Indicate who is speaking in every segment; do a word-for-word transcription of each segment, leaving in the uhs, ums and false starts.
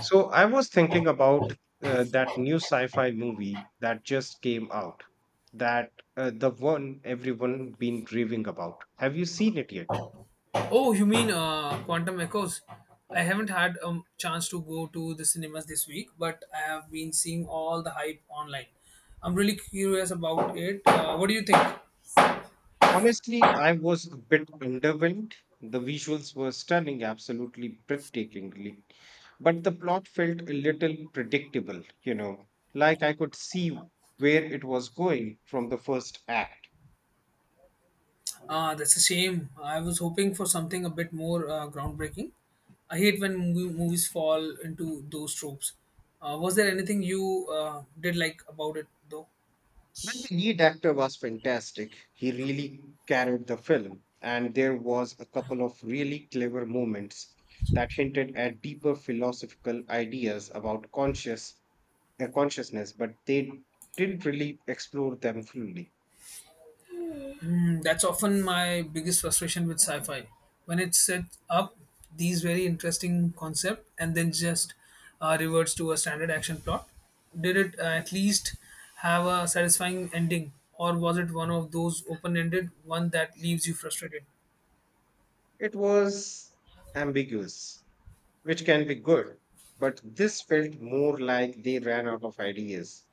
Speaker 1: So I was thinking about uh, that new sci-fi movie that just came out, that uh, the one everyone been raving about. Have you seen it yet?
Speaker 2: Oh, you mean uh, Quantum Echoes? I haven't had a chance to go to the cinemas this week, but I have been seeing all the hype online. I'm really curious about it. Uh, what do you think?
Speaker 1: Honestly, I was a bit underwhelmed. The visuals were stunning, absolutely breathtakingly, but the plot felt a little predictable, you know, like I could see where it was going from the first act.
Speaker 2: Uh, that's a shame. I was hoping for something a bit more uh, groundbreaking. I hate when movie, movies fall into those tropes. Uh, was there anything you uh, did like about it though?
Speaker 1: Well, the lead actor was fantastic. He really carried the film, and there was a couple of really clever moments that hinted at deeper philosophical ideas about conscious uh, consciousness, but they didn't really explore them fully.
Speaker 2: Mm, that's often my biggest frustration with sci-fi when it sets up these very interesting concept and then just uh, reverts to a standard action plot. Did it uh, at least have a satisfying ending, or was it one of those open-ended one that leaves you frustrated?
Speaker 1: It was ambiguous, which can be good, but this felt more like they ran out of ideas.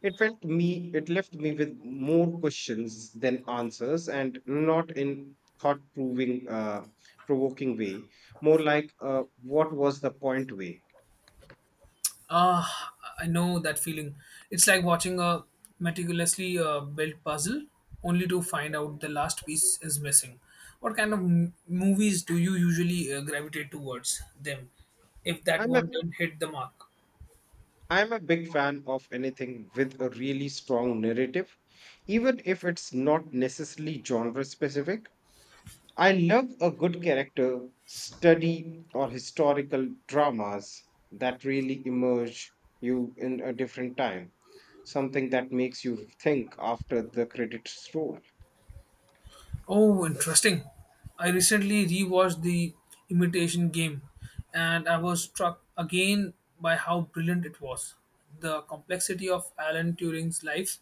Speaker 1: It felt me it left me with more questions than answers and not in thought proving uh, provoking way, more like uh, what was the point way.
Speaker 2: Ah, I know that feeling. It's like watching a meticulously uh, built puzzle only to find out the last piece is missing. What kind of m- movies do you usually uh, gravitate towards them if that
Speaker 1: I'm a
Speaker 2: one didn't hit the mark?
Speaker 1: I'm a big fan of anything with a really strong narrative, even if it's not necessarily genre specific. I love a good character study or historical dramas that really immerse you in a different time, something that makes you think after the credits roll.
Speaker 2: Oh, interesting. I recently rewatched The Imitation Game and I was struck again by how brilliant it was. The complexity of Alan Turing's life,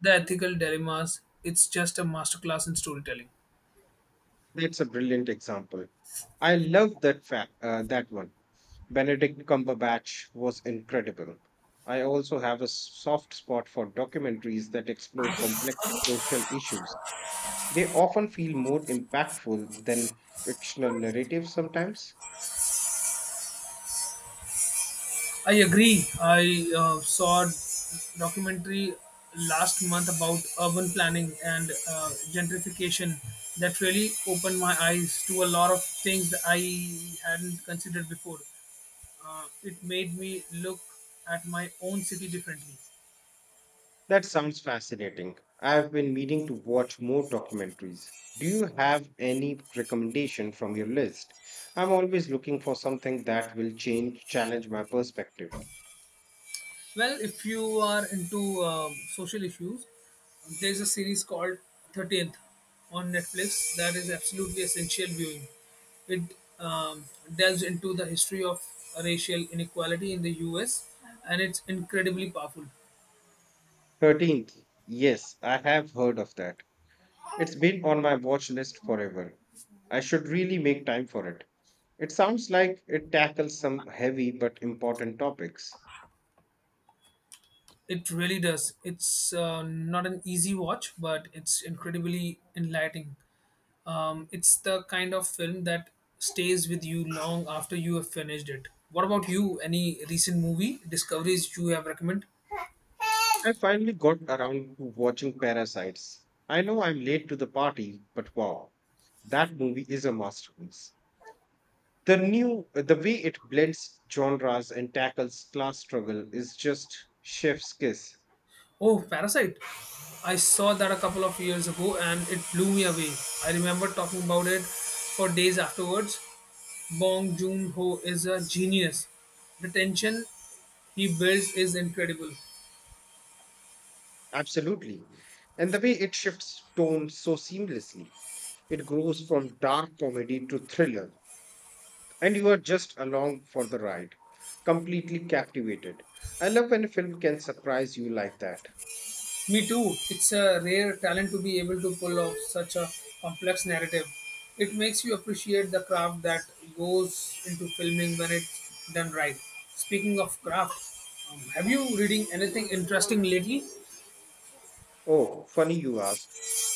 Speaker 2: the ethical dilemmas, it's just a masterclass in storytelling.
Speaker 1: That's a brilliant example. I love that fact, uh, that one. Benedict Cumberbatch was incredible. I also have a soft spot for documentaries that explore complex social issues. They often feel more impactful than fictional narratives sometimes.
Speaker 2: I agree. I uh, saw a documentary last month about urban planning and uh, gentrification that really opened my eyes to a lot of things that I hadn't considered before. Uh, it made me look at my own city differently.
Speaker 1: That sounds fascinating. I've been meaning to watch more documentaries. Do you have any recommendation from your list? I'm always looking for something that will change, challenge my perspective.
Speaker 2: Well, if you are into um, social issues, there's a series called thirteenth on Netflix that is absolutely essential viewing. It um, delves into the history of racial inequality in the U S and it's incredibly powerful.
Speaker 1: thirteenth. Yes, I have heard of that. It's been on my watch list forever. I should really make time for it. It sounds like it tackles some heavy but important topics.
Speaker 2: It really does. It's uh, not an easy watch, but it's incredibly enlightening. Um, it's the kind of film that stays with you long after you have finished it. What about you? Any recent movie discoveries you have recommend?
Speaker 1: I finally got around to watching Parasites. I know I'm late to the party, but wow, that movie is a masterpiece. The new the way it blends genres and tackles class struggle is just chef's kiss.
Speaker 2: Oh, Parasite. I saw that a couple of years ago and it blew me away. I remember talking about it for days afterwards. Bong Joon Ho is a genius. The tension he builds is incredible.
Speaker 1: Absolutely. And the way it shifts tone so seamlessly. It grows from dark comedy to thriller and you are just along for the ride, completely captivated. I love when a film can surprise you like that.
Speaker 2: Me too. It's a rare talent to be able to pull off such a complex narrative. It makes you appreciate the craft that goes into filming when it's done right. Speaking of craft, um, have you reading anything interesting lately?
Speaker 1: Oh, funny you ask.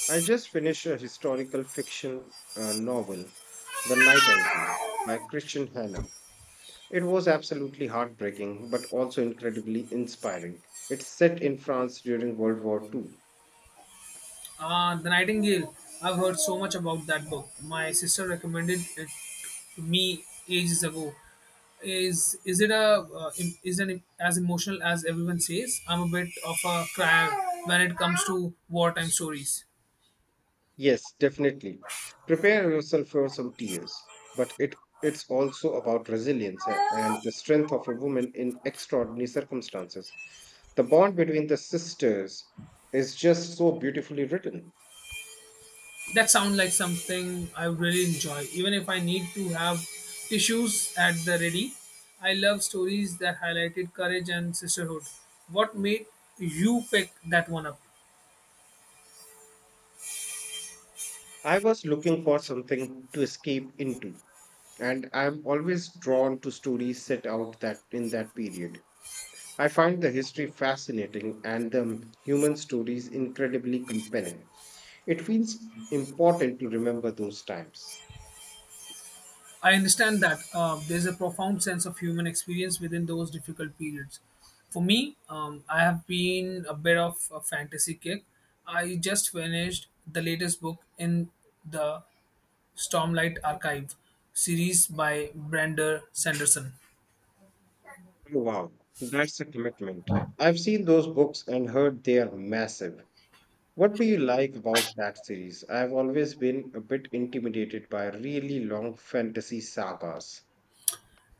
Speaker 1: I just finished a historical fiction uh, novel, The Night Angel, by Christian Hannah. It was absolutely heartbreaking, but also incredibly inspiring. It's set in France during World War Two.
Speaker 2: Uh, The Nightingale. I've heard so much about that book. My sister recommended it to me ages ago. Is is it a uh, im- is it as emotional as everyone says? I'm a bit of a crier when it comes to wartime stories.
Speaker 1: Yes, definitely. Prepare yourself for some tears, but it it's also about resilience a- and the strength of a woman in extraordinary circumstances. The bond between the sisters is just so beautifully written.
Speaker 2: That sounds like something I really enjoy. Even if I need to have tissues at the ready, I love stories that highlighted courage and sisterhood. What made you pick that one up?
Speaker 1: I was looking for something to escape into, and I'm always drawn to stories set out that in that period. I find the history fascinating and the human stories incredibly compelling. It feels important to remember those times.
Speaker 2: I understand that uh, there's a profound sense of human experience within those difficult periods. For me, um, I have been a bit of a fantasy kick. I just finished the latest book in the Stormlight Archive series by Brander Sanderson.
Speaker 1: Wow, that's a commitment. I've seen those books and heard they are massive. What do you like about that series? I've always been a bit intimidated by really long fantasy sagas.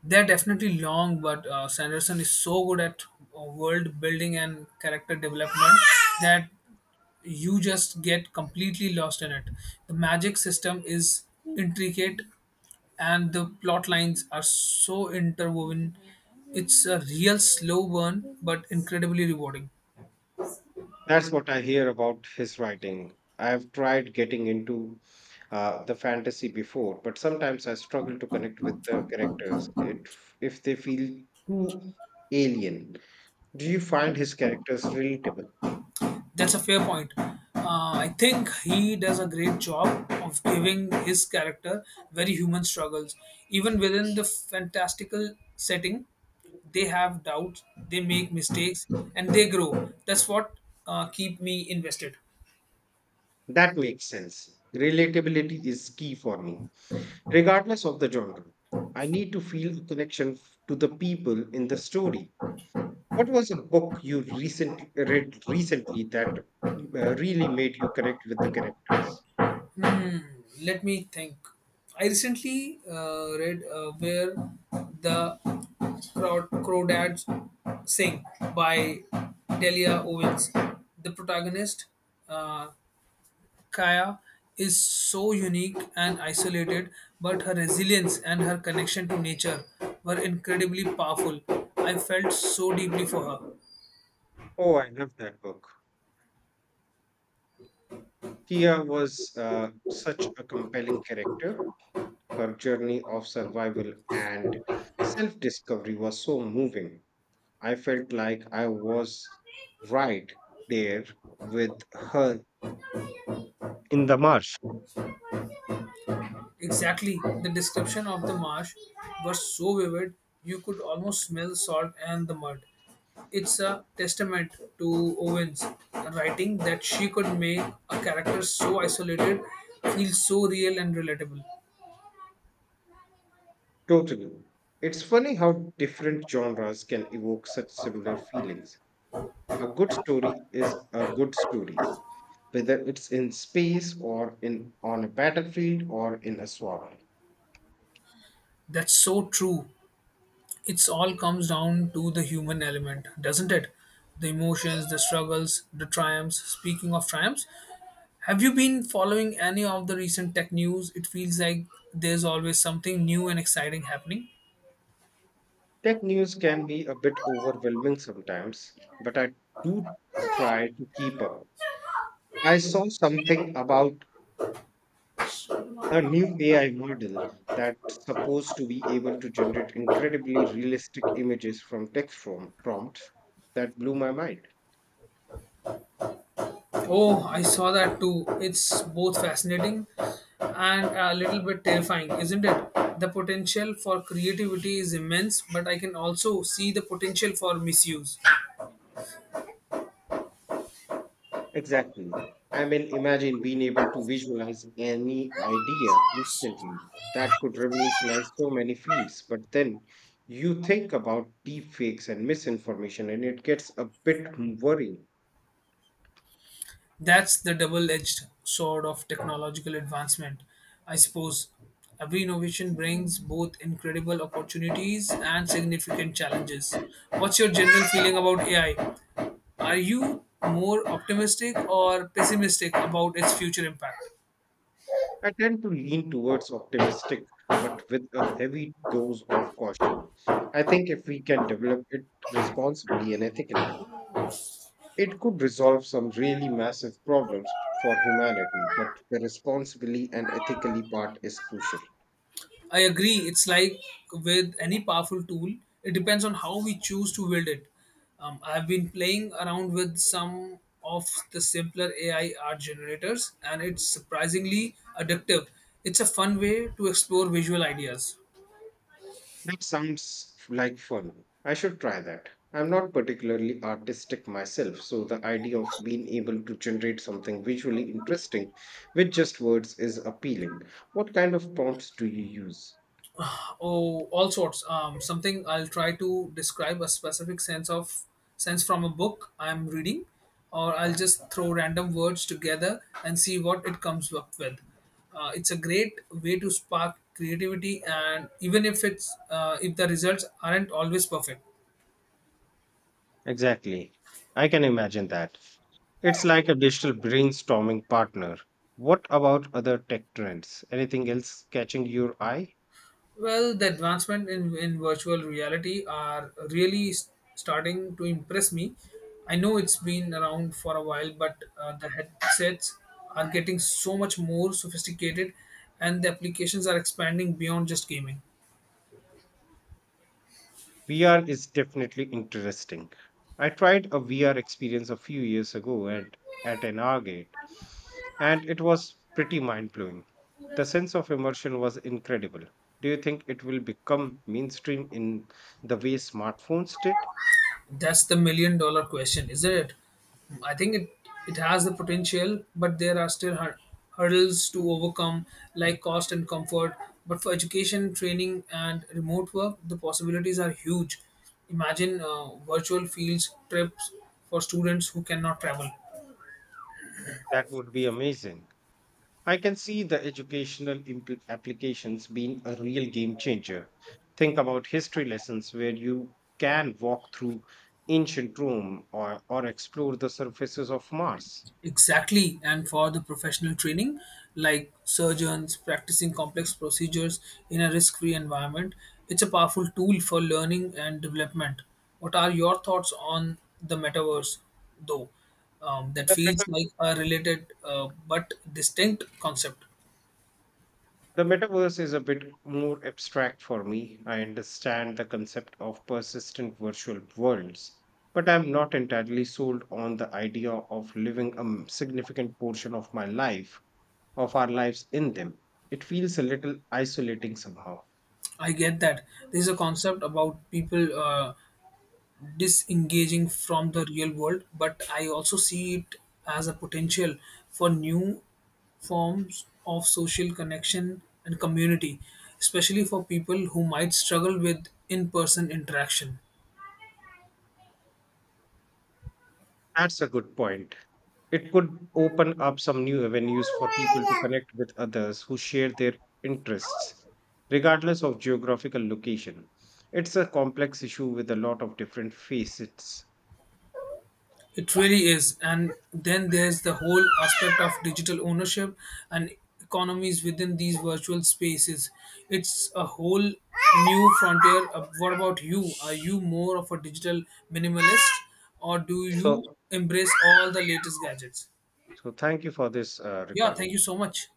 Speaker 2: They're definitely long, but uh, Sanderson is so good at uh, world building and character development that you just get completely lost in it. The magic system is intricate, and the plot lines are so interwoven. It's a real slow burn, but incredibly rewarding.
Speaker 1: That's what I hear about his writing. I've tried getting into uh, the fantasy before, but sometimes I struggle to connect with the characters it, if they feel too alien. Do you find his characters relatable?
Speaker 2: That's a fair point. Uh, I think he does a great job of giving his character very human struggles. Even within the fantastical setting, they have doubts, they make mistakes, and they grow. That's what uh, keep me invested.
Speaker 1: That makes sense. Relatability is key for me, regardless of the genre. I need to feel a connection f- to the people in the story. What was a book you recently read recently that uh, really made you connect with the characters?
Speaker 2: Let me think. I recently uh, read uh, where the Crow- Crawdads Sing by Delia Owens. The protagonist, uh. Kaya is so unique and isolated, but her resilience and her connection to nature were incredibly powerful. I felt so deeply for her.
Speaker 1: Oh, I love that book. Tia was uh, such a compelling character. Her journey of survival and self discovery was so moving. I felt like I was right there with her in the marsh.
Speaker 2: Exactly, the description of the marsh was so vivid, you could almost smell salt and the mud. It's a testament to Owen's writing that she could make a character so isolated feel so real and relatable.
Speaker 1: Totally. It's funny how different genres can evoke such similar feelings. A good story is a good story, whether it's in space or in on a battlefield or in a swamp.
Speaker 2: That's so true. It's all comes down to the human element, doesn't it? The emotions, the struggles, the triumphs. Speaking of triumphs, have you been following any of the recent tech news? It feels like there's always something new and exciting happening.
Speaker 1: Tech news can be a bit overwhelming sometimes, but I do try to keep up. I saw something about a new A I model that's supposed to be able to generate incredibly realistic images from text from prompts that blew my mind.
Speaker 2: Oh, I saw that too. It's both fascinating and a little bit terrifying, isn't it? The potential for creativity is immense, but I can also see the potential for misuse.
Speaker 1: Exactly. I mean, imagine being able to visualize any idea instantly. That could revolutionize so many fields. But then you think about deepfakes and misinformation, and it gets a bit worrying.
Speaker 2: That's the double edged sword of technological advancement, I suppose. Every innovation brings both incredible opportunities and significant challenges. What's your general feeling about A I? Are you more optimistic or pessimistic about its future impact?
Speaker 1: I tend to lean towards optimistic, but with a heavy dose of caution. I think if we can develop it responsibly and ethically, it could resolve some really massive problems for humanity, but the responsibly and ethically part is crucial.
Speaker 2: I agree. It's like with any powerful tool, it depends on how we choose to wield it. Um, I've been playing around with some of the simpler A I art generators, and it's surprisingly addictive. It's a fun way to explore visual ideas.
Speaker 1: That sounds like fun. I should try that. I'm not particularly artistic myself, so the idea of being able to generate something visually interesting with just words is appealing. What kind of prompts do you use?
Speaker 2: Oh, all sorts. Um, something I'll try to describe a specific sense of sense from a book I'm reading, or I'll just throw random words together and see what it comes up with. Uh, it's a great way to spark creativity, and even if it's uh, if the results aren't always perfect.
Speaker 1: Exactly. I can imagine that. It's like a digital brainstorming partner. What about other tech trends? Anything else catching your eye?
Speaker 2: Well, the advancement in, in virtual reality are really s- starting to impress me. I know it's been around for a while, but uh, the headsets are getting so much more sophisticated and the applications are expanding beyond just gaming.
Speaker 1: V R is definitely interesting. I tried a V R experience a few years ago and at an Argate, and it was pretty mind blowing. The sense of immersion was incredible. Do you think it will become mainstream in the way smartphones did?
Speaker 2: That's the million dollar question, isn't it? I think it, it has the potential, but there are still hur- hurdles to overcome, like cost and comfort. But for education, training, and remote work, the possibilities are huge. Imagine uh, virtual fields trips for students who cannot travel.
Speaker 1: That would be amazing. I can see the educational impl- applications being a real game changer. Think about history lessons where you can walk through ancient Rome or, or explore the surfaces of Mars.
Speaker 2: Exactly, and for the professional training, like surgeons practicing complex procedures in a risk free environment, it's a powerful tool for learning and development. What are your thoughts on the metaverse, though? Um, that
Speaker 1: The, meta-
Speaker 2: feels like a related uh, but distinct concept.
Speaker 1: the metaverse is a bit more abstract for me. I understand the concept of persistent virtual worlds, but I'm not entirely sold on the idea of living a m- significant portion of my life, of our lives in them. It feels a little isolating somehow.
Speaker 2: I get that. This is a concept about people. Uh, disengaging from the real world, but I also see it as a potential for new forms of social connection and community, especially for people who might struggle with in person interaction.
Speaker 1: That's a good point. It could open up some new avenues for people to connect with others who share their interests, regardless of geographical location. It's a complex issue with a lot of different facets.
Speaker 2: It really is. And then there's the whole aspect of digital ownership and economies within these virtual spaces. It's a whole new frontier. Uh, What about you? Are you more of a digital minimalist, or do you
Speaker 1: So,
Speaker 2: embrace all the latest gadgets?
Speaker 1: so thank you for this uh,
Speaker 2: Yeah,
Speaker 1: recording.
Speaker 2: thank you so much.